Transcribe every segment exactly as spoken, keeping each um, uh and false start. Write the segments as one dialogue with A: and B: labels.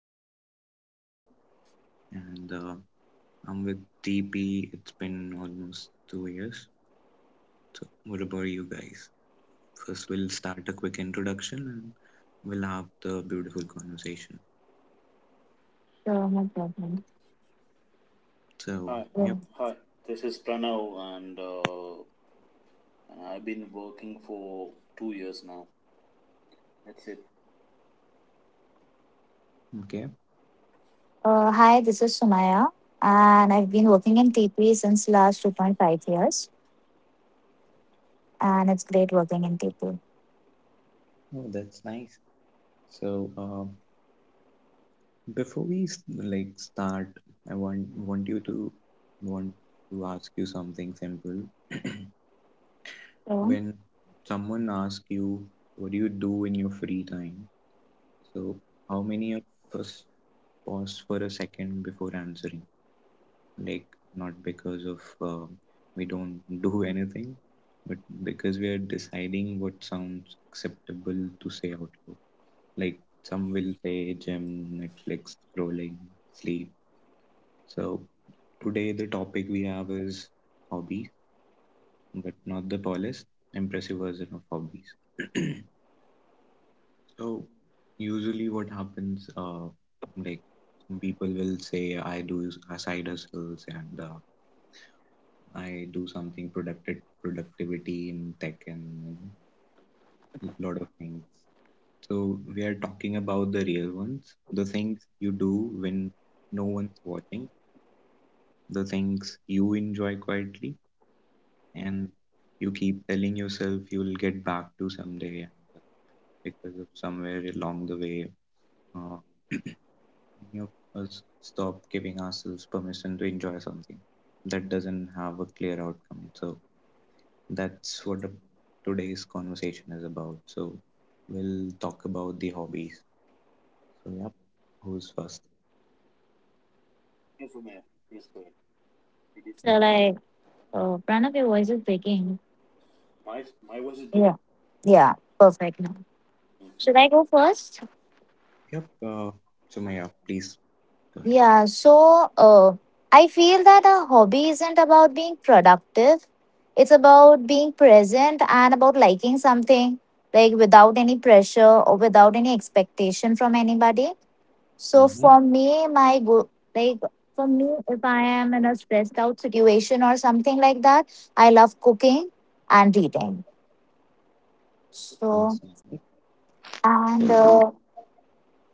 A: name is Sparish and uh, I'm with T P. It's been almost two years. So, what about you guys? First, we'll start a quick introduction and we'll have the beautiful conversation.
B: Sure, no problem.
C: Hi,
A: So,
B: Yeah.
A: yep,
C: hi. This is Pranav, and uh, and I've been working for two years now. That's it.
A: okay.
B: Uh, hi, this is Sumaya, and I've been working in T P since last two point five years, and it's great working in T P.
A: Oh, that's nice. So, uh, Before we s- like start, I want want you to want to ask you something simple.
B: So,
A: When someone asks you, what do you do in your free time? So, how many of us pause for a second before answering? Like, not because of um we don't do anything, but because we are deciding what sounds acceptable to say out loud. Like, some will say gym, Netflix, scrolling, sleep. So, today the topic we have is hobbies, but not the tallest, impressive version of hobbies. So usually what happens, uh, like people will say I do s- side hustles and uh, I do something productive productivity in tech and you know lot of things. So we are talking about the real ones, the things you do when no one's watching, the things you enjoy quietly and you keep telling yourself you'll get back to someday and uh, because of somewhere along the way. Uh, Many of us stop giving ourselves permission to enjoy something that doesn't have a clear outcome. So that's what the, today's conversation is about. So we'll talk about the hobbies. So yep, who's first?
C: Yes, Umaya. Yes, go ahead. It is
B: shall
C: please.
A: Okay.
B: I? Uh, Pranav, your voice is breaking.
C: My my voice is
B: Yeah.
C: breaking.
B: Yeah, perfect now. Should I
C: hmm
B: go first?
A: Yep. Uh, so Maya, please go ahead.
B: Yeah, so uh, I feel that a hobby isn't about being productive. It's about being present and about liking something, like without any pressure or without any expectation from anybody. So for
A: Mm-hmm.
B: me, my go like For me, if I am in a stressed out situation or something like that, I love cooking and reading. So
A: That's nice. So
B: and
A: what?
B: uh,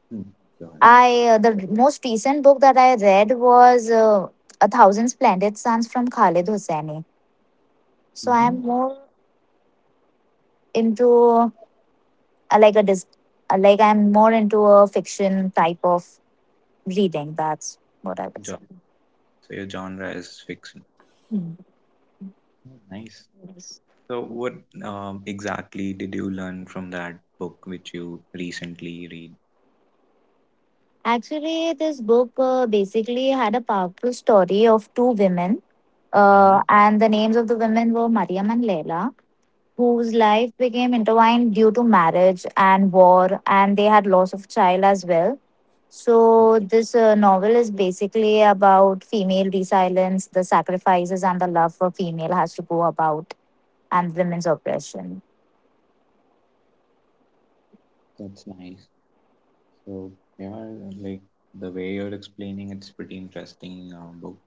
A: Hmm, go ahead.
B: I uh, The most recent book that I read was uh, A Thousand Splendid Suns from Khalid Hosseini. So I
A: Mm-hmm.
B: am more into uh, like a dis uh, like I'm more into a fiction type of reading. That's what I would say.
A: John. So your genre is fiction.
B: Hmm.
A: Oh, nice. So what um, exactly did you learn from that book which you recently read?
B: Actually, this book uh, basically had a powerful story of two women, uh,
A: Mm-hmm.
B: and the names of the women were Mariam and Leila, whose life became intertwined due to marriage and war, and they had loss of child as well. So,
A: Okay,
B: this uh, novel is basically about female resilience, the sacrifices, and the love for female has to go about, and women's oppression.
A: that's nice. So yeah, like the way you're explaining, it's pretty interesting uh, book.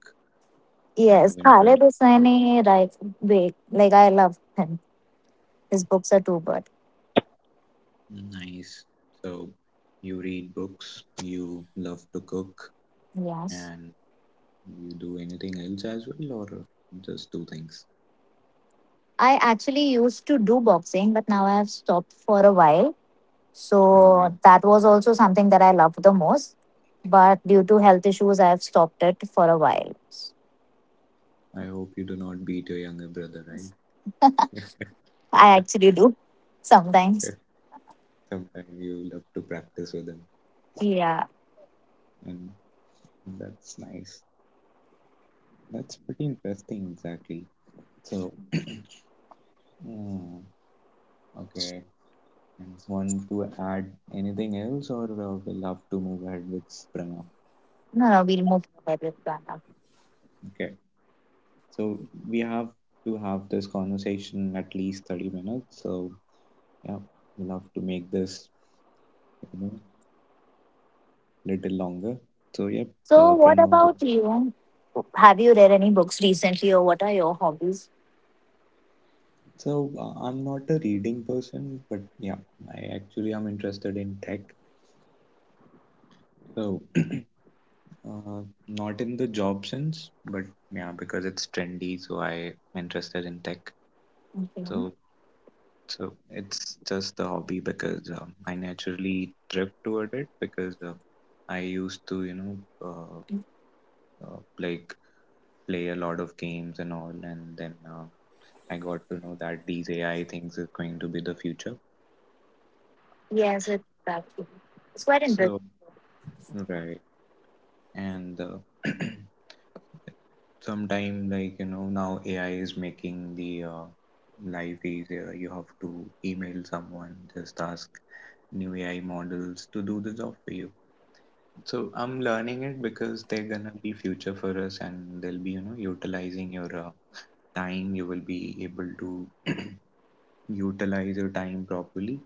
A: I
B: Yes,
A: haven't
B: Khaled
A: read, but
B: Hosseini, right? Wait, like I love him. His books are too good.
A: nice. So you read books, you love to cook,
B: Yes.
A: and you do anything else as well, or just do things.
B: I actually used to do boxing, but now I have stopped for a while.
A: And I,
B: So that was also something that I loved the most. But due to health issues, I have stopped it for a while.
A: I hope you do not beat your younger brother, right?
B: I actually do sometimes.
A: Sometimes you love to practice with him,
B: Yeah.
A: and that's nice. That's pretty interesting, exactly. So. Mm, okay. And want to add anything else, or uh, we love to move ahead with Pranav?
B: No, no, we'll move ahead with that. now.
A: Okay, so we have to have this conversation at least thirty minutes. So, yeah, we love to make this, you know, little longer. So, yep, uh,
B: So, what
A: Pranav, go.
B: about you? Have you read any books recently, or what are your hobbies?
A: So, uh, I'm not a reading person, but yeah, I actually am interested in tech. So, uh, not in the job sense, but yeah, because it's trendy, so I'm interested in tech.
B: Okay.
A: So, So it's just the hobby because um, I naturally drift toward it because uh, I used to, you know, uh, uh, like play a lot of games and all, and then uh, I got to know that these A I things is going to be the future.
B: Yes, it's that. It's quite interesting.
A: So right, and uh, sometime like you know now A I is making the uh, life easier. You have to email someone, just ask new A I models to do the job for you. So I'm learning it because they're gonna be future for us, and they'll be, you know, utilizing your uh, time. You will be able to utilize your time properly,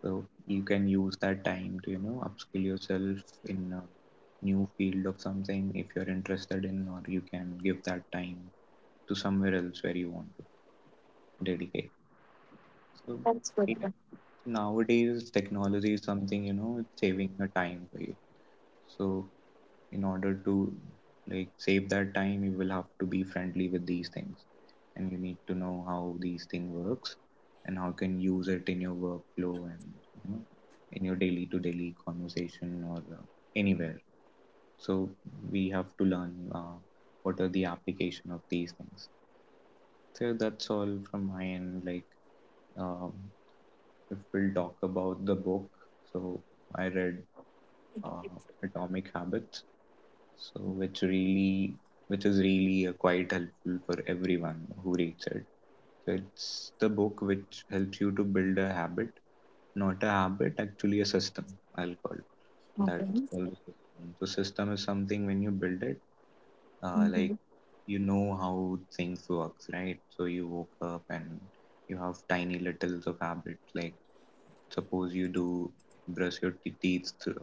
A: so you can use that time to, you know, upskill yourself in a new field of something if you're interested in, or you can give that time to somewhere else where you want to dedicate. So
B: That's good.
A: it, Nowadays, technology is something, you know, it's saving your time for you. So in order to like save that time, you will have to be friendly with these things, and you need to know how these thing works and how you can use it in your workflow and you know in your daily to daily conversation or uh, anywhere. So we have to learn uh, what are the application of these things. So that's all from my end like um, if we'll talk about the book, so I read uh, Atomic Habits, so which really which is really uh, quite helpful for everyone who reads it. So it's the book which helps you to build a habit, not a habit, actually a system, I'll call it.
B: Okay.
A: That's called a system. So system is something when you build it, uh, like you know how things works, right? So you woke up and you have tiny littles of habits like suppose you do brush your te- teeth th-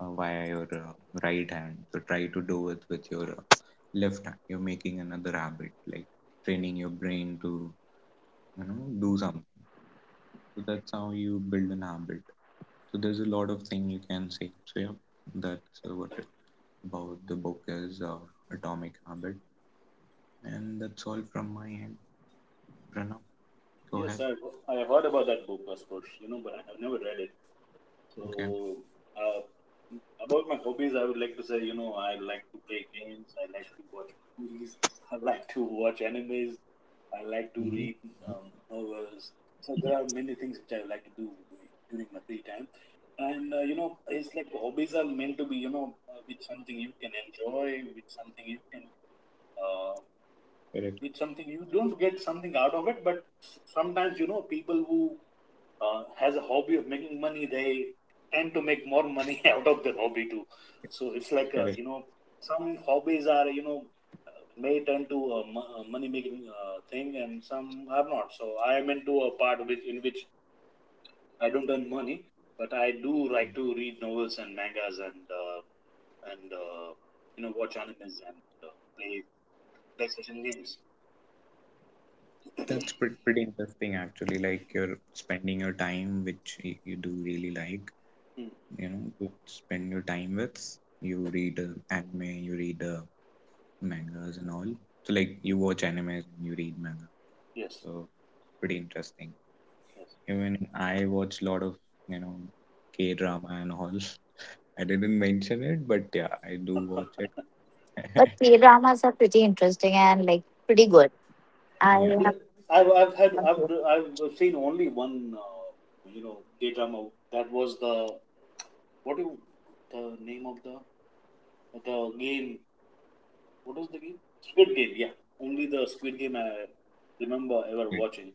A: uh, via your uh, right hand, so try to do it with your uh, left hand. You're making another habit, like training your brain to you know do something. So that's how you build an habit. So there's a lot of thing you can say, so yeah, that's uh, what about the book is uh, Atomic Habit, and that's all from my end. Pranav, go
C: Yes,
A: ahead.
C: I I have heard about that book, Asperge, you know, but I have never read it. So,
A: Okay.
C: uh, about my hobbies, I would like to say, you know, I like to play games. I like to watch movies. I like to watch animes. I like to
A: Hmm.
C: read um, novels. So there are many things which I like to do during my free time, and uh, you know, it's like hobbies are meant to be, you know, uh, with something you can enjoy, with something you can uh,
A: Correct.
C: with something you don't get something out of it. But s- sometimes, you know, people who uh, has a hobby of making money, they tend to make more money out of their hobby too. So it's like,
A: Correct.
C: uh, you know some hobbies are, you know, uh, may turn to a money making uh, thing, and some are not. So I am into a part which in which I don't earn money, but I do like to read novels and mangas and uh, and uh, you know, watch animes and uh, play PlayStation games.
A: That's pretty, pretty interesting actually, like you're spending your time which y- you do really like.
C: Mm,
A: You know, you spend your time with you read uh, anime, you read uh, mangas and all. So like you
C: mm,
A: watch animes and you read manga,
C: yes,
A: so pretty interesting.
C: yes.
A: Even I watch a lot of you know k drama and all I didn't mention it, but yeah, I do watch it.
B: But K dramas are pretty interesting and like pretty good. I
A: Yeah,
B: have
C: Bla- I've I've had I've I've seen only one uh, you know, K drama. That was the, what do you, the name of the the game what was the game? Squid Game. Yeah, only the Squid Game I remember ever
A: good.
C: watching.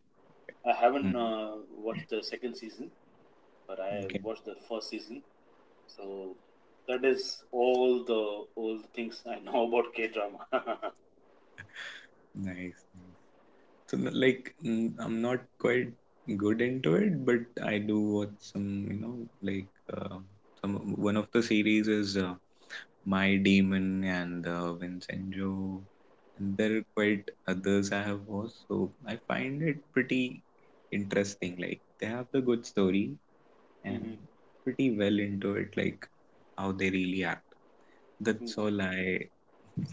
C: I
A: Mm,
C: haven't uh, watched the second season, but I
A: okay.
C: watched the first season. So that is all the all the things I know about K drama.
A: Nice, nice. So n- like mm, I'm not quite good into it, but I do watch some you know like uh, some one of the series is uh, My Demon and uh, Vincenzo, and there are quite others I have watched. So I find it pretty interesting. Like they have the good story
C: hmm
A: and pretty well into it, like how they really act. That's all
C: hmm
A: I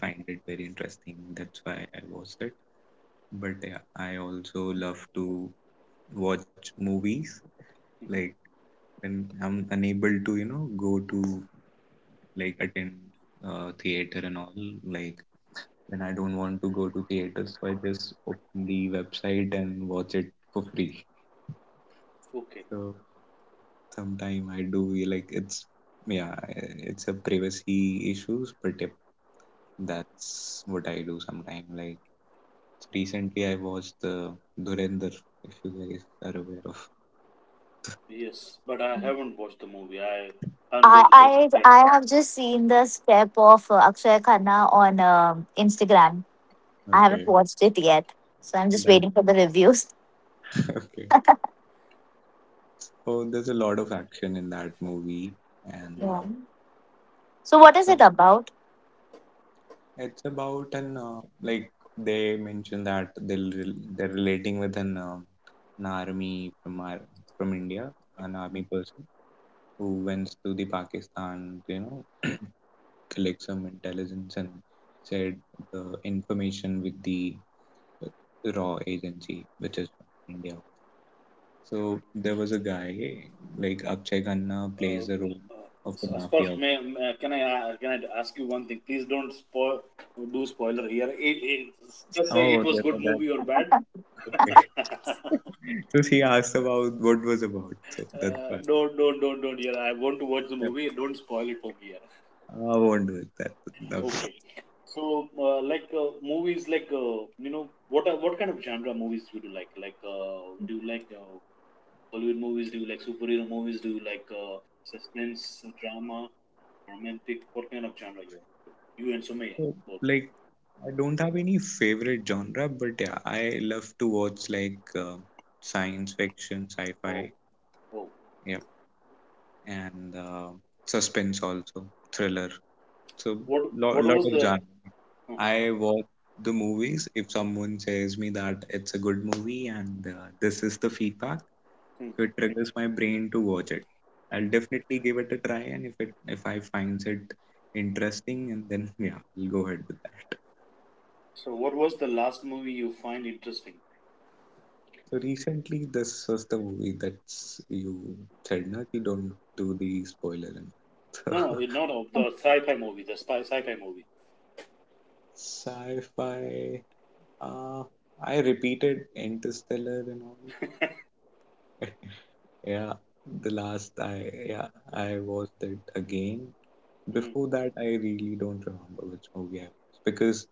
A: find it very interesting. That's why I watched it. But yeah, I also love to watch movies. Like
C: hmm
A: when I'm unable to, you know, go to like attend uh, theater and all, like when I don't want to go to theaters, so I just open the website and watch it for free.
C: Okay.
A: So sometime I do like it's yeah, it's a privacy issues, but yep, that's what I do sometime. Like recently, I watched the Dhurandhar, if you guys are aware of.
C: Yes, but I haven't watched the movie. I can't go
B: I,
C: to the
B: I
C: theater.
B: I have just seen the step of uh, Akshay Khanna on um Instagram. I haven't
A: Okay,
B: watched it yet, so I'm just
A: that
B: waiting for the reviews.
A: okay. So there's a lot of action in that movie, and
B: Yeah.
A: uh,
C: Mm.
B: So what is
A: some
B: it about?
A: it's about an uh, like they mentioned that they'll rel- they're relating with an uh, an army from our, from India, an army person who went to the Pakistan, you know, collect some intelligence and said the information with the uh, raw agency, which is from India. So there was a guy like Akshay Khanna
C: Uh,
A: plays the role
C: uh,
A: of a
C: so Aspash,
A: mafia.
C: may, may- can I uh, can I ask you one thing? Please don't spoil, do spoiler here. It, it, just say
A: Oh,
C: it was
A: that,
C: good
A: that's
C: movie or bad.
A: okay.
C: uh,
A: So she asked about what was about. So that's why.
C: don't don't don't don't. here. I want to watch the
A: Yeah,
C: movie. Don't spoil it for me.
A: I won't do it. That Okay.
C: Okay. So, uh, like, uh, movies, like, uh, you know, what are, what kind of genre movies you do like? Like, uh, do you like uh, Hollywood movies? Do you like superhero movies? Do you like uh, suspense, drama, romantic? What kind of genre you are?
A: So
C: You and
A: like
C: Sumaya both.
A: I don't have any favorite genre, but yeah, I love to watch like uh, science fiction, sci-fi,
C: Oh, oh.
A: yep, and uh, suspense also, thriller. So
C: What
A: lot
C: what
A: lot
C: was
A: of
C: the?
A: genre.
C: Uh-huh.
A: I watch the movies if someone says me that it's a good movie and uh, this is the feedback,
C: Hmm.
A: so it triggers my brain to watch it. I'll definitely give it a try, and if it if I finds it interesting, and then yeah, I'll go ahead with that.
C: So, what was the last movie you find interesting?
A: So recently, this was the movie that you said na ki don't do the spoiler and
C: No, no,
A: all.
C: it- not of the sci-fi movie, the spy sci-fi movie.
A: So sci-fi. Uh, I repeated Interstellar and all. Yeah, the last I yeah, I watched it again.
C: hmm
A: Before that, I really don't remember which movie I watched because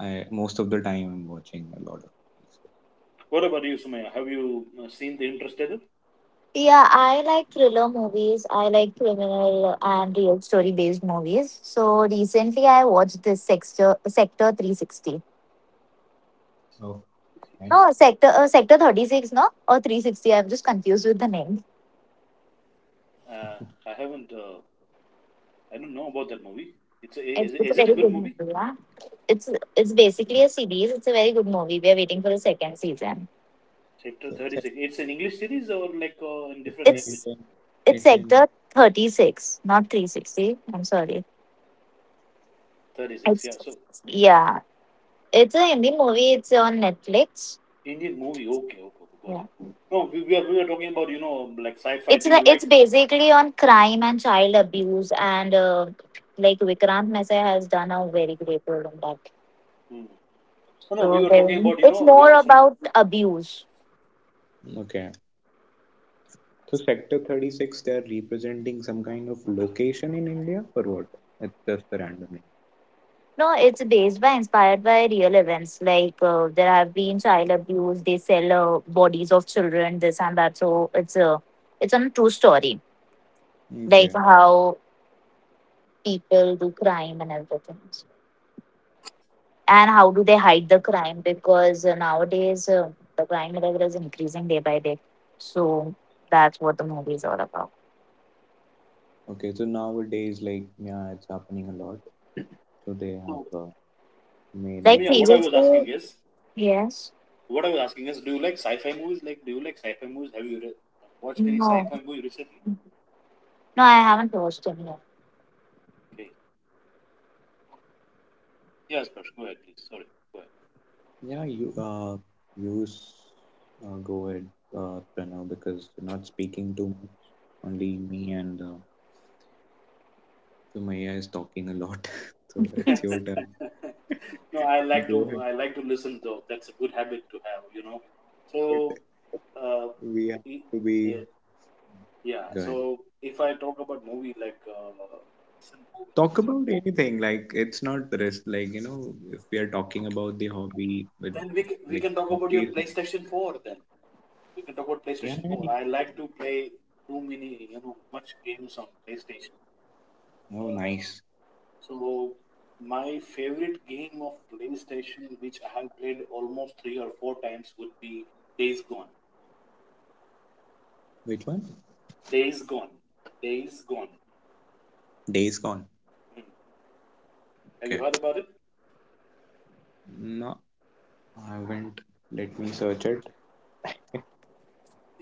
A: I most of the time I'm watching a lot of movies.
C: What about you, Sumaya? Have you uh, seen the Interstellar?
B: Yeah, I like thriller movies. I like criminal and real story based movies. So recently, I watched this Sector Sector three sixty.
A: So. Oh, nice.
B: No, Sector uh, Sector thirty six. No, or three sixty. I'm just confused with the name.
C: Uh, I haven't. Uh, I don't know about that movie. It's a,
B: It's,
C: is,
B: it's a
C: is it
B: very
C: a good
B: good
C: movie?
B: movie. Yeah, it's it's
A: it's,
B: basically a series. It's a very good movie. We are waiting for the second season.
C: Sector
A: it's,
C: Thirty Six. It's an English series or like uh, in
A: it's
C: different language?
B: It's
A: Indian,
B: it's
A: Indian.
B: Sector Thirty Six, not Three Sixty. I'm sorry.
C: Thirty Six. Yeah.
B: It's
C: So
B: yeah. It's a Hindi movie. It's on Netflix.
C: Indian movie. Okay. Okay. Okay. Got it.
B: Yeah.
C: No, we, we are we were talking about, you know, like sci-fi.
B: It's
C: Do
B: like
C: you like?
B: it's basically on crime and child abuse and, uh, like, Vikrant Mehta has done a very great role in that.
C: Hmm. No, no. We
B: So
C: were
B: there,
C: talking about, you
B: it's
C: know, we,
B: more
C: some.
B: about abuse.
A: Mm, okay. So Sector thirty six, they are representing some kind of location in India or what? It's just a random
B: No, it's based by inspired by real events. Like uh, there have been child abuse. They sell uh, bodies of children, this and that. So it's a it's a true story.
A: name.
B: Like
A: Okay.
B: how people do crime and everything, and how do they hide the crime? Because uh, nowadays uh, the crime level is increasing day by day. So that's what the movie is all about.
A: Okay. So nowadays, like, yeah, it's happening a lot. So they
C: So
A: have uh, made
C: for
A: a
B: Like
C: me, uh, what
A: movie.
C: I was asking
B: previously,
C: is
B: yes,
C: what I was asking is, do you like sci-fi movies? Like, do you like sci-fi movies? Have you re- watched any
B: no, no,
C: sci-fi movie recently?
B: I haven't watched any
C: Okay. Yes, Persh. Go ahead, please. Sorry. Go ahead.
A: Yeah, you uh you s- uh, go ahead, uh, Pranav, because you're not speaking too much. Only me and uh, Sumaya is talking a lot, so it's your turn.
C: No, I like to,
A: Go ahead.
C: I like to listen though. That's a good habit to have, you know. So,
A: But
C: uh,
A: we have
C: y-
A: to be.
C: yeah, yeah.
A: Go ahead.
C: So if I talk about movie, like, uh, some movie,
A: Talk about anything. Like it's not the rest. Like you know, if we are talking about the hobby, but
C: then we can, we
A: like
C: can talk about your
A: hobby.
C: PlayStation Four. Then we can talk about
A: Yeah,
C: PlayStation
A: yeah.
C: Four. I like to play too many, you know, much games on PlayStation.
A: Oh,
C: Uh,
A: nice.
C: so my favorite game of PlayStation, which I have played almost three or four times, would be Days Gone.
A: Which one?
C: Days Gone. Days Gone.
A: Days Gone.
C: Mm. Have you
A: Okay.
C: heard about it?
A: No, I haven't. Let me search it.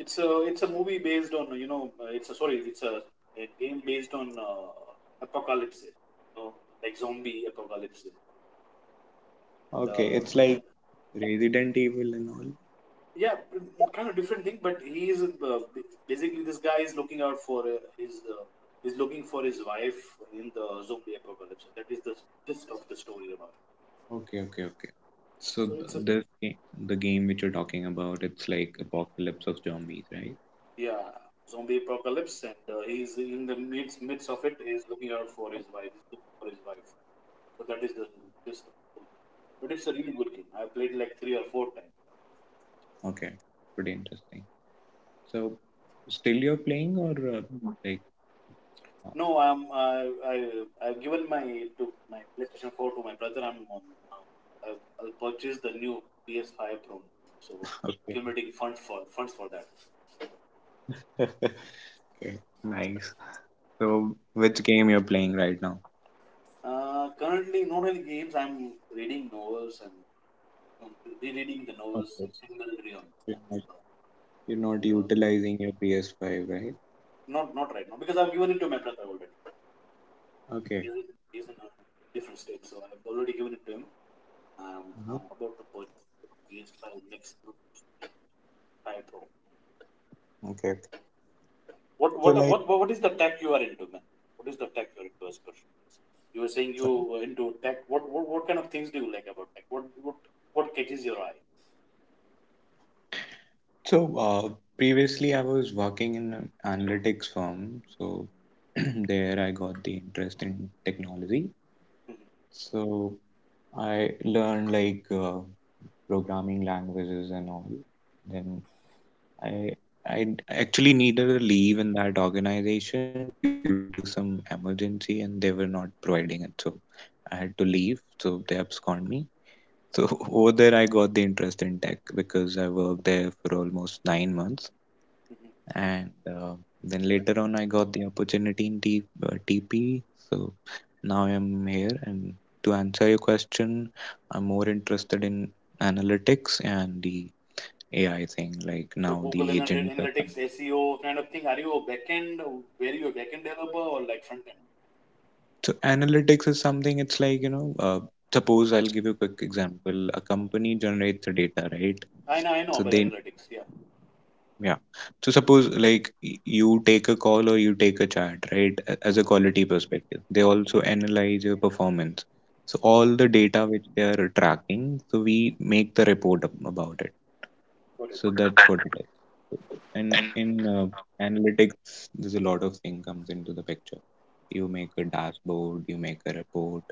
C: It's a it's a movie based on, you know, uh, it's a sorry it's a, a game based on uh, apocalypse, you know, like zombie apocalypse, and,
A: Okay,
C: uh,
A: it's
C: and
A: like Resident Evil and all.
C: yeah, mm, kind of different thing. But he is, uh, basically this guy is looking out for uh, his uh, he's looking for his wife in the zombie apocalypse. That is the gist of the story about.
A: Okay, okay, okay.
C: So
A: So
C: it's a,
A: th- this game, the game which you're talking about, it's like Apocalypse of Zombies, right?
C: yeah, zombie apocalypse, and uh, he's in the midst midst of it. He's looking out for his wife. He's looking for his wife. So that is the gist of the story. But it's a really good game. I played like three or four times.
A: Okay, pretty interesting. So still you're playing or uh, like uh,
C: No, I'm I I I've given my to my PlayStation Four to my brother. I'm on. I, I'll purchase the new P S Five Pro. So accumulating funds for funds for that.
A: okay. Okay, nice. So which game you're playing right now?
C: Uh, currently, not only games. I'm reading novels and um, rereading the novels.
A: Okay.
C: Single Realm
A: You're
C: and
A: not,
C: uh,
A: you're not
C: and uh,
A: utilizing your P S five, right?
C: not not right now because I've given it to my brother already.
A: Okay.
C: He's in, he's in a different state, so I've already given it to him. Um, I'm
A: Mhm.
C: about to put P S five next month, five Pro.
A: Okay, okay.
C: What what
A: So
C: what
A: like
C: what is the tech you are into, man? What is the tech you're into as per? You were saying you were into tech. What, what what kind of things do you like about tech? What what what catches your eye?
A: So, uh, previously I was working in an analytics firm, so there I got the interest in technology. So I learned like uh, programming languages and all. Then I I actually needed a leave in that organization due to some emergency, and they were not providing it, so I had to leave. So they absconded me. So over there, I got the interest in tech because I worked there for almost nine months
C: Mhm.
A: and uh, then later on I got the opportunity in T, uh, TP. So now I'm here, and to answer your question, I'm more interested in analytics and the AI thing, like
C: So
A: now the
C: Google
A: agents are coming.
C: Analytics, S E O kind of thing. Are you a backend? Were you a backend developer or like front end?
A: So analytics is something, it's like you know, uh, suppose I'll give you a quick example. A company generates the data, right?
C: I know, I know
A: So
C: about
A: they...
C: analytics. Yeah.
A: Yeah. So suppose like y- you take a call or you take a chat, right? a- As a
C: Mhm,
A: quality perspective, they also analyze your performance. So
C: mhm,
A: all the data which they are tracking, so
C: mhm.
A: we make the report ab- about it.
C: Got it.
A: So that's what it is. And in uh, analytics, there's a lot of thing comes into the picture. You make a dashboard, you make a report.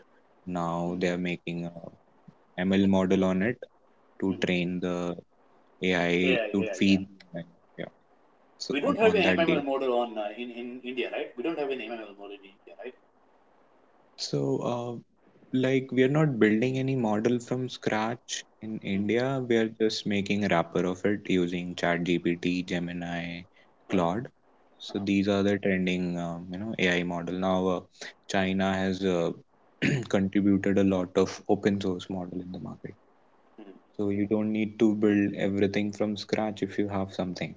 A: Now
C: Mhm.
A: they are making a M L model on it to
C: hmm
A: train the A I
C: Yeah,
A: to
C: yeah, yeah.
A: feed. Yeah. So
C: We don't
A: up
C: have an
A: on that
C: M M L
A: data.
C: model on uh, in in India, right? We don't have an M M L model in India, right?
A: So, uh, like, we are not building any model from scratch in
C: Mm.
A: India. We are just making a wrapper of it using ChatGPT, Gemini,
C: Got it.
A: Claude. So
C: Uh-huh.
A: these are the trending, um, you know, A I model. Now, uh, China has uh, contributed a lot of open source model in the market.
C: Mm.
A: So you don't need to build everything from scratch if you have something,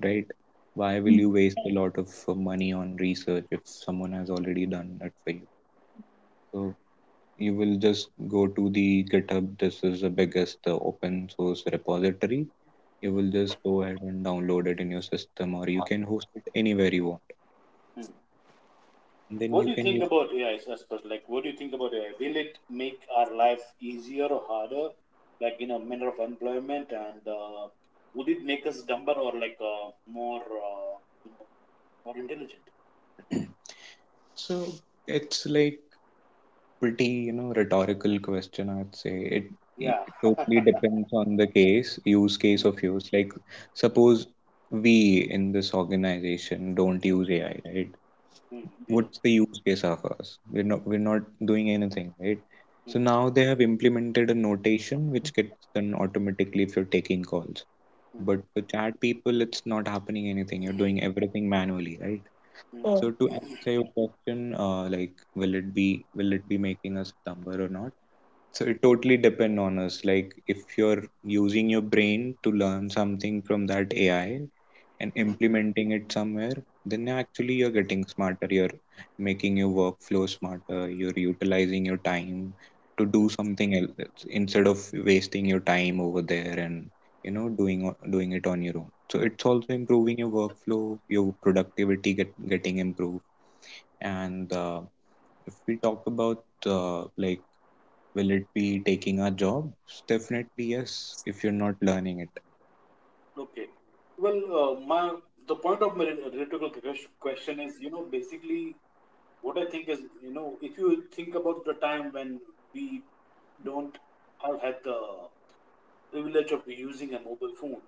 A: right? Why will
B: yet.
A: you waste a lot of uh, money on research if someone has already done it for you? So you will just go to the GitHub. This is the biggest uh, open source repository. You will just
C: hmm
A: go ahead and download it in your system, or you can host it anywhere you want.
C: Mm.
A: And then you
C: What do you
A: can
C: think
A: use
C: about A I, Aspas? Like, what do you think about A I? Will it make our life easier or harder, like in a matter of employment, and uh, would it make us dumber or like, uh, more, uh, you know, more intelligent?
A: it. So it's like pretty, you know, rhetorical question. I'd say it, it
C: Yeah. mm.
A: totally depends on the case, use case of use. Like suppose we in this organization don't
C: Mm.
A: use A I, right?
C: Mm. We don't.
A: What's the use case of us? We're not we're not doing anything, right? So
C: Mm.
A: now they have implemented a notation which gets done automatically if you're taking calls.
C: Mm.
A: But for chat people, it's not happening anything. You're doing everything manually, right?
C: Mm. Mm.
A: So to answer your question, uh, like will it be will it be making us dumber or not? So it totally depend on us. Like if you're using your brain to learn something from that A I and
C: Mm.
A: implementing it somewhere, then actually you're getting smarter. You're making your workflow smarter. You're utilizing your time to do
C: mm.
A: something else instead of wasting your time over there and you know doing o- doing it on your own. So it's also improving your workflow, your productivity get, getting improved, and uh, if we talk about uh, like will it be taking our jobs? Definitely yes, if you're not learning it.
C: Okay. Well, uh, my the point of my rhetorical ques- question is, you know, basically what I think is, you know, if you think about the time when we don't have had the privilege of using a mobile phone,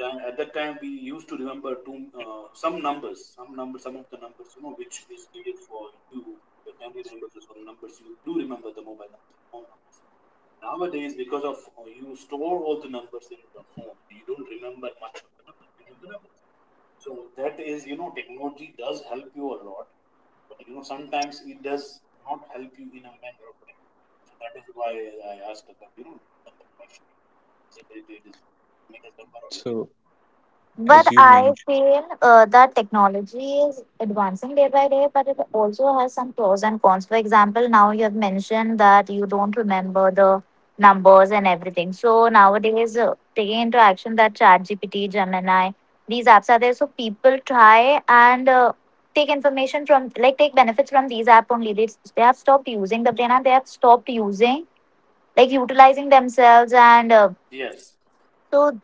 C: then at that time we used to remember two, uh, some numbers, some numbers, some of the numbers, you know, which is needed for you, your family members, or some numbers you do remember: the mobile numbers, phone numbers. Nowadays, because of, uh, you store all the numbers in the phone, you don't remember much of the numbers, many of the numbers. So that is, you know, technology does help you a lot, but you know, sometimes it does not help you in a manner of time. So that is why I asked about, you know, the question. Is it, it, it is make a number or it?
A: So, as
B: But
A: you
B: I
A: mentioned,
B: feel uh, that technology is advancing day by day, but it also has some pros and cons. For example, now you have mentioned that you don't remember the numbers and everything. So
C: Mm.
B: nowadays, uh, taking into action that ChatGPT, Gemini, these apps are there. So people try and uh, take information from, like, take benefits from these apps only. They, they have stopped using the brain and they have stopped using, like, utilizing themselves and uh,
C: Yes.
B: so,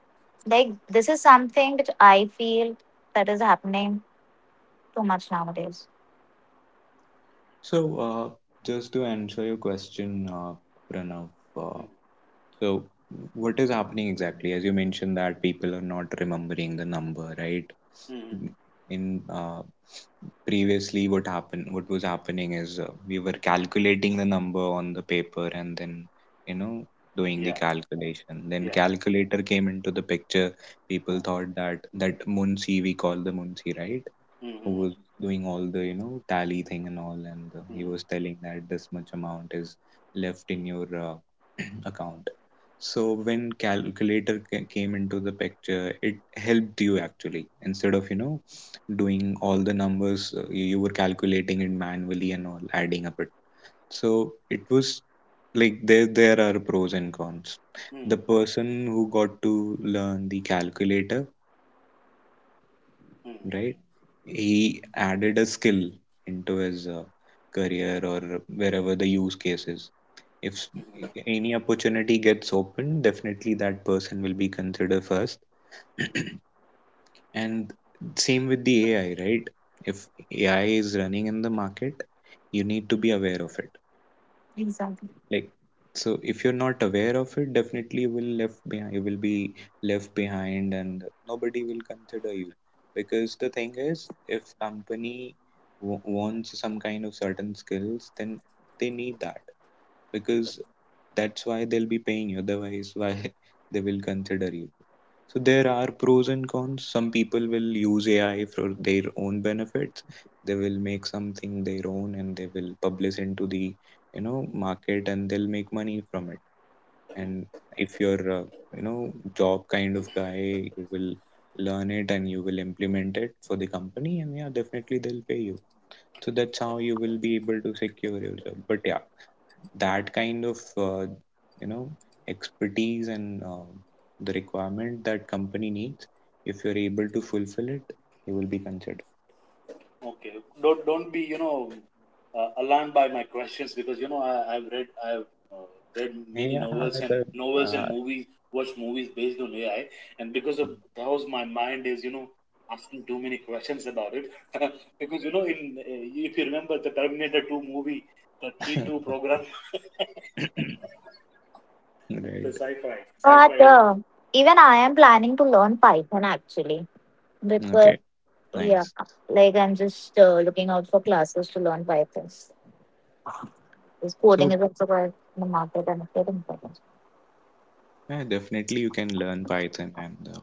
B: like, this is something which I feel that is happening too much nowadays.
A: so uh, just to answer your question, uh, Pranav, uh,
C: Mm.
A: so what is happening exactly? As you mentioned that people are not remembering the number, right?
C: Mm.
A: In uh, previously what happened what was happening is uh, we were calculating the number on the paper and then you know doing the
C: Yeah.
A: calculation, then
C: Yeah.
A: calculator came into the picture.
C: Mm.
A: People thought that that munsi, we call the munsi, right, who
C: Mm.
A: was doing all the you know tally thing and all, and uh, he
C: Mm.
A: was telling that this much amount is left in your uh, account. So
C: Mm.
A: when calculator ca- came into the picture, it helped you actually instead of you know doing all the numbers. uh, you, you were calculating it manually and all, adding up it. So it was like there there are pros and cons. The
C: Mm.
A: person who got to learn the calculator,
C: Mm.
A: right, he added a skill into his uh, career or wherever the use case is. If
C: Mm.
A: any opportunity gets open, definitely that person will be considered first.
C: Mm.
A: And same with the A I, right? If A I is running in the market, you need to be aware of it,
B: Exactly.
A: like, so if you're not aware of it, definitely you will left behind, you will be left behind and nobody will consider you. Because the thing is, if company w- wants some kind of certain skills, then they need that, because that's why they'll be paying you. Otherwise why they will consider you? So there are pros and cons. Some people will use AI for their own benefits. They will make something their own and they will publish into the you know market and they'll make money from it. And
C: Mm.
A: if you're uh, you know job kind of guy, you will learn it and you will implement it for the company, and yeah, definitely they'll pay you. So that's how you will be able to secure your job. But yeah, that kind of uh, you know expertise and uh, the requirement that company needs, if you're able to fulfill it, you will be considered.
C: Okay, don't don't be, you know, uh, alarmed by my questions, because you know, I, I've read I've uh, read many
A: Yeah,
C: novels and
A: the,
C: novels
A: uh,
C: and movies, watched movies based on A I, and because of those, my mind is, you know, asking too many questions about it because you know, in uh, if you remember the Terminator Two movie, the T two program. The
A: right.
C: sci-fi
B: But
C: sci-fi.
B: uh, even I am planning to learn Python actually because
A: Okay,
B: yeah,
A: nice.
B: like I'm just uh, looking out for classes to learn Python. This coding
A: So
B: is also quite in the market and quite important.
A: yeah, definitely you can learn Python and uh,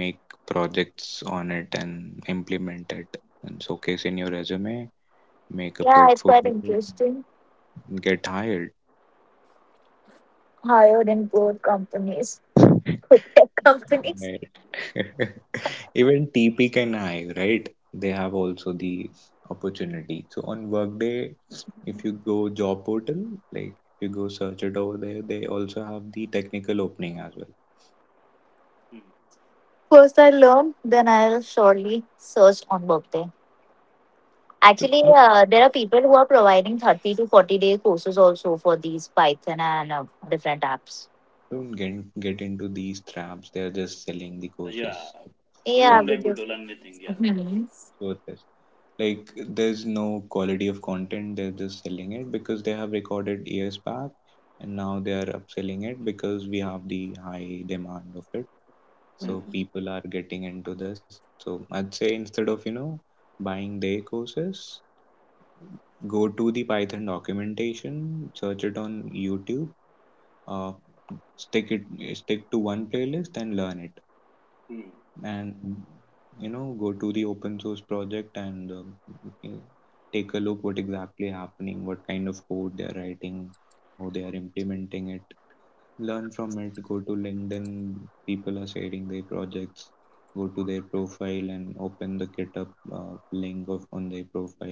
A: make projects on it and implement it and showcase in your resume, make a
B: Yeah, it's quite
A: portfolio,
B: interesting.
A: get hired.
B: Hired in good companies, good tech companies.
A: Right. Even T P and I, right? They have also the opportunity. So on Workday, if you go job portal, like if you go search it over there, they also have the technical opening as well.
C: hmm.
B: First, I learn, then I'll surely search on work.
A: So
B: Actually,
A: no,
B: uh, there are people who are providing thirty to forty day courses also for these Python and uh, different apps.
A: don't get get into these traps. They are just selling the
C: Yeah,
A: courses. It's,
C: you
B: Yeah,
C: won't
A: it's
C: be able to
B: because.
C: learn anything, yeah.
B: Mhm.
A: worthless. Like there's no quality of content. They're just selling it because they have recorded years back, and now they are upselling it because we have the high demand of it. So
C: hmm.
A: people are getting into this, so I'd say instead of you know buying their courses, go to the Python documentation, search it on YouTube, uh, stick it stick to one playlist and learn it,
C: Hmm.
A: and you know go to the open source project and uh, you know, take a look what exactly happening, what kind of code they are writing, how they are implementing it. Learn from it, go to LinkedIn, people are sharing their projects, go to their profile and open the GitHub uh, link of on their profile,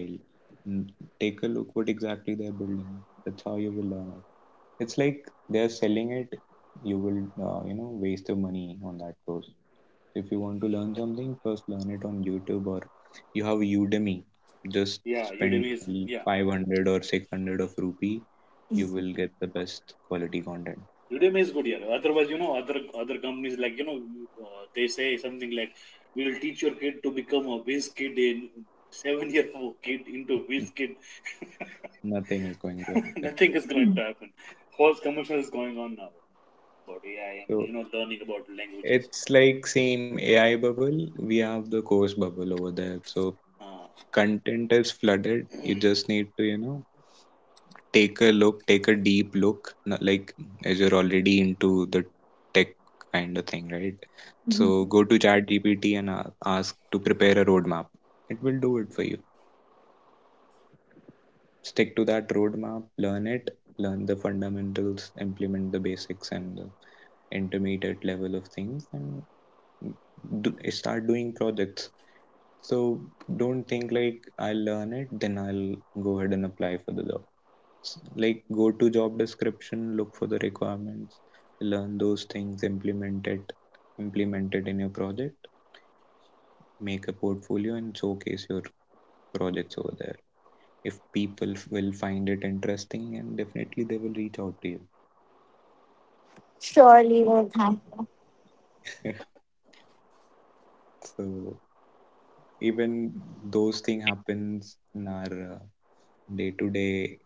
A: and take a look what exactly they're building. That's how you will learn it. It's like they're selling it, you will uh, you know waste your money on that course. If you want to learn something, first learn it on YouTube, or you have Udemy, just
C: Yeah,
A: spend
C: Udemy is, yeah,
A: five hundred or six hundred of rupee, you will get the best quality content.
C: Udemy is good, yeah. Otherwise, you know, other other companies like you know, uh, they say something like, "We'll teach your kid to become a whiz kid in seven year old kid into whiz kid."
A: Nothing is going to happen.
C: Nothing is going to happen. False commercial is going on now about A I and you
A: So
C: know, learning about languages.
A: it's like same A I bubble. We have the course bubble over there. So
C: Uh,
A: content is flooded. You just need to, you know, take a look, take a deep look, not like as you're already into the tech kind of thing, right? So go to ChatGPT and a- ask to prepare a roadmap. It will do it for you. Stick to that roadmap, learn it, learn the fundamentals, implement the basics and the intermediate level of things, and do, start doing projects. So don't think like I'll learn it then I'll go ahead and apply for the jobs. Like go to job description, look for the requirements, learn those things, implement it, implement it in your project, make a portfolio and showcase your projects over there. If people will find it interesting, and definitely they will reach out to you.
B: Surely, well, thank.
A: So even those thing happens in our uh, day-to-day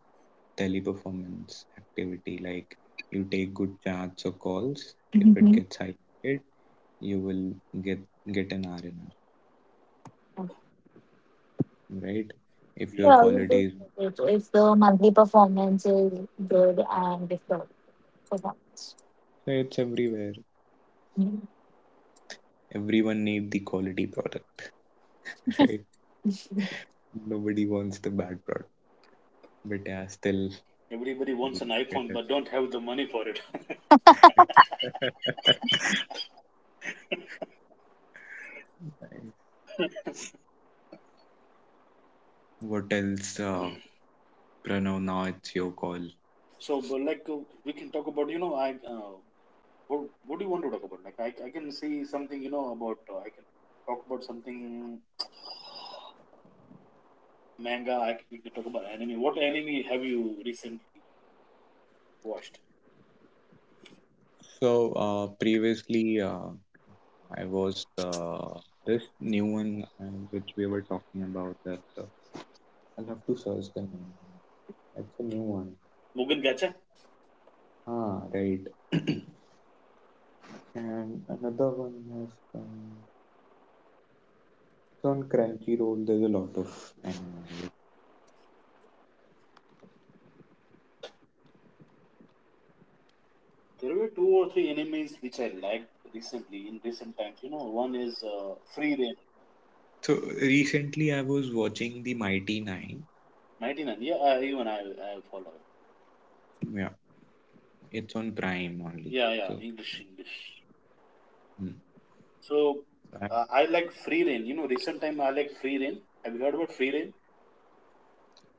A: teleperformance activity. Like you take good chats or calls, if it
B: Mhm.
A: gets highlighted, you will get get an R N R, right? If your
C: yeah,
B: Yeah, we
A: quality
B: do
A: is...
B: get it if the monthly performance is good and if the performance.
A: So it's everywhere,
B: Mhm.
A: everyone need the quality product. Right, nobody wants the bad product. But yeah, still
C: everybody
A: the
C: wants an iPhone
A: market
C: but don't have the money for it.
A: is... Nice. What else, uh, Pranav, now it's your call.
C: So, but like, uh, we can talk about you know, I uh, What What do you want to talk about? Like I, I can say something, you know, about, uh, I can talk about something manga. I can, we can talk about anime. What anime have you recently watched?
A: So uh, previously uh, I was uh, this new one uh, which we were talking about, that uh, I'll have to search the name. It's a new one.
C: Mugen Gacha.
A: Ah, right. And another one has come. So on Crunchyroll, there's a lot of anime.
C: There were two or three animes which I liked recently in recent times. You know, one is uh, Free Reign,
A: So recently, I was watching the Mighty Nine.
C: ninety nine. Yeah, I, even I I follow it.
A: Yeah, it's on Prime only.
C: Yeah,
A: So,
C: yeah, English, English.
A: hmm.
C: So
A: So I'm...
C: uh, I like Free Reign. You know, recent time I like Free Reign. Have you heard about Free Reign?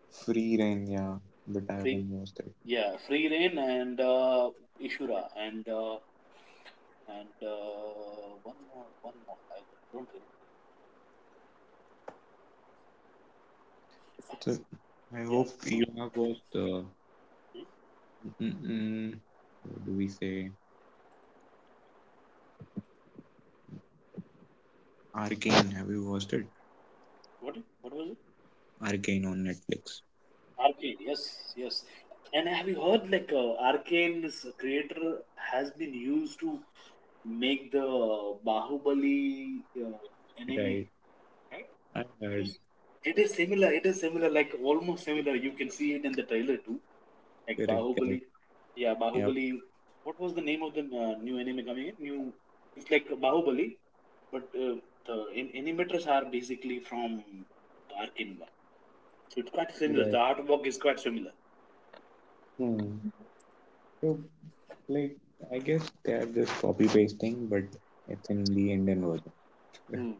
A: Free Reign, yeah, but I haven't
C: Free,
A: watched it.
C: yeah, Free Reign and uh, Ishura and uh, And uh, one more, one more. I don't remember.
A: So I
C: Yeah,
A: hope you
C: no.
A: have watched. Uh,
C: Hmm?
A: Mm, what do we say? Arcane. Have you watched it?
C: What? What was it?
A: Arcane on Netflix.
C: Arcane. Yes, yes. And have you heard like, uh, Arcane's creator has been used to make the Bahubali uh, anime?
A: Right.
C: Right?
A: I heard.
C: It is similar. It is similar. Like almost similar. You can see it in the trailer too. Like
A: Correct.
C: Bahubali.
A: Correct.
C: Yeah,
A: Yep.
C: Bahubali. What was the name of the uh, new anime coming in? New, it's like Bahubali, but uh, the an- animators are basically from the Arkane one. So it's quite similar.
A: Right.
C: The artwork is quite similar.
A: Hmm. So, like, I guess they are just copy pasting, but it's in the Indian version.
C: Hmm.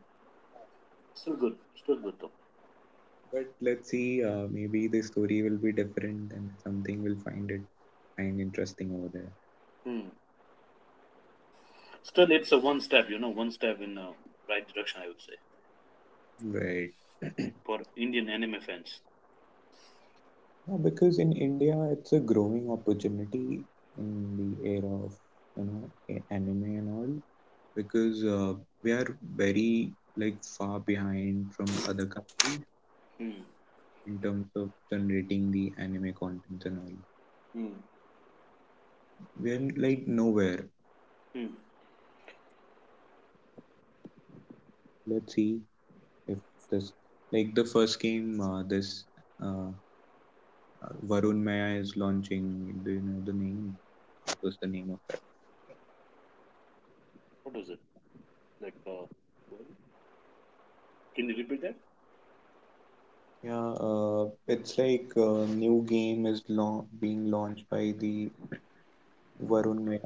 C: Still good. Still good though.
A: But let's see. Uh, maybe the story will be different, and something will find it find interesting over there.
C: Hmm. Still, it's a one step. You know, one step in the uh, right direction, I would say,
A: Right.
C: for Indian anime fans.
A: Yeah, because in India, it's a growing opportunity in the era of you know a- anime and all. Because uh, we are very like far behind from other countries
C: Hmm.
A: in terms of generating the anime content and all.
C: Hmm.
A: We're like nowhere.
C: Hmm.
A: Let's see if this like the first game uh, this uh, uh, Varun Maya is launching. Do you know the name? What was the name of that?
C: What was it? Like, uh, What? Can you repeat that?
A: Yeah, uh, it's like a new game is lau- being launched by the Varun Maya,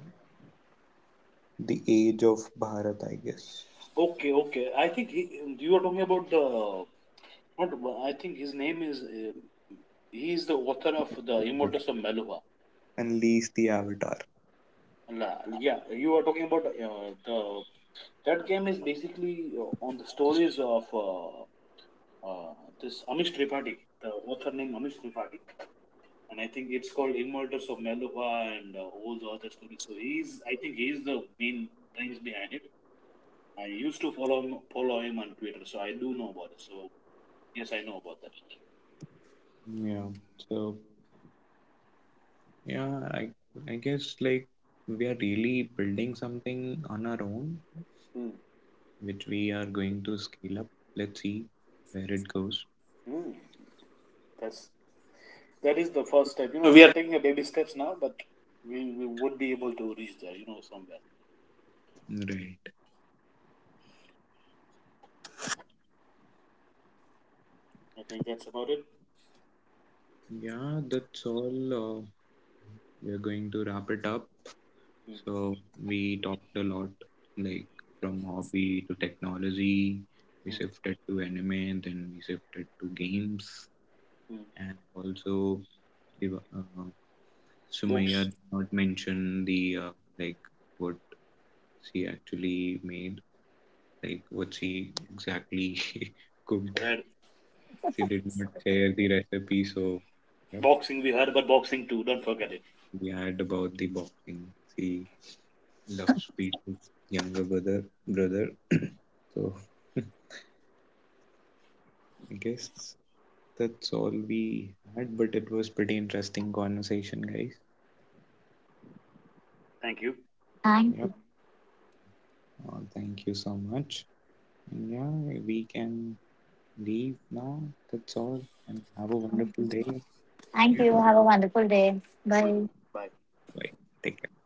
A: the Age of Bharat, I guess.
C: Okay, okay. I think he, you are talking about the, not, I think his name is. Uh, he is the author of the
A: Avatar.
C: Immortals of Malua.
A: Unleash the Avatar.
C: La- Yeah, you are talking about uh, the that game is basically uh, on the stories of uh, uh, this Amish Tripathi. The author name Amish Tripathi, and I think it's called Immortals of Malua and uh, all the other stories. So he's, I think he's the main brains behind it. I used to follow him, follow him on Twitter, so I do know about it. So yes, I know about that.
A: Yeah. So yeah, I I guess like we are really building something on our own,
C: Hmm.
A: which we are going to scale up. Let's see where it goes.
C: Hmm. That's That is the first step. You know, we are taking a baby steps now, but we, we would be able to reach there, you know, somewhere.
A: Right.
C: I think that's about it.
A: Yeah, that's all. Uh, we're going to wrap it up.
C: Mm,
A: So we talked a lot, like from hobby to technology. We
C: mm,
A: shifted to anime, then we shifted to games,
C: mm.
A: and also Shiva- uh, Sumaya
C: Books,
A: did not mention the uh, like what she actually made, like what she exactly cooked.
C: read.
A: She did not share the recipe, so yep,
C: Boxing, we heard about boxing too. Don't forget it.
A: we had about the boxing. She loves Peter's younger brother, brother. So I guess that's all we had, but it was pretty interesting conversation, guys.
C: Thank you.
B: Thank
A: Yep.
B: you.
A: Uh, thank you so much. And yeah, we can leave now. That's all. And have a wonderful day.
B: Thank
C: You do,
B: you.
A: Enjoy.
C: man.
B: Have a wonderful day.
C: You do, man.
B: Bye.
C: Bye.
A: Bye. Take care.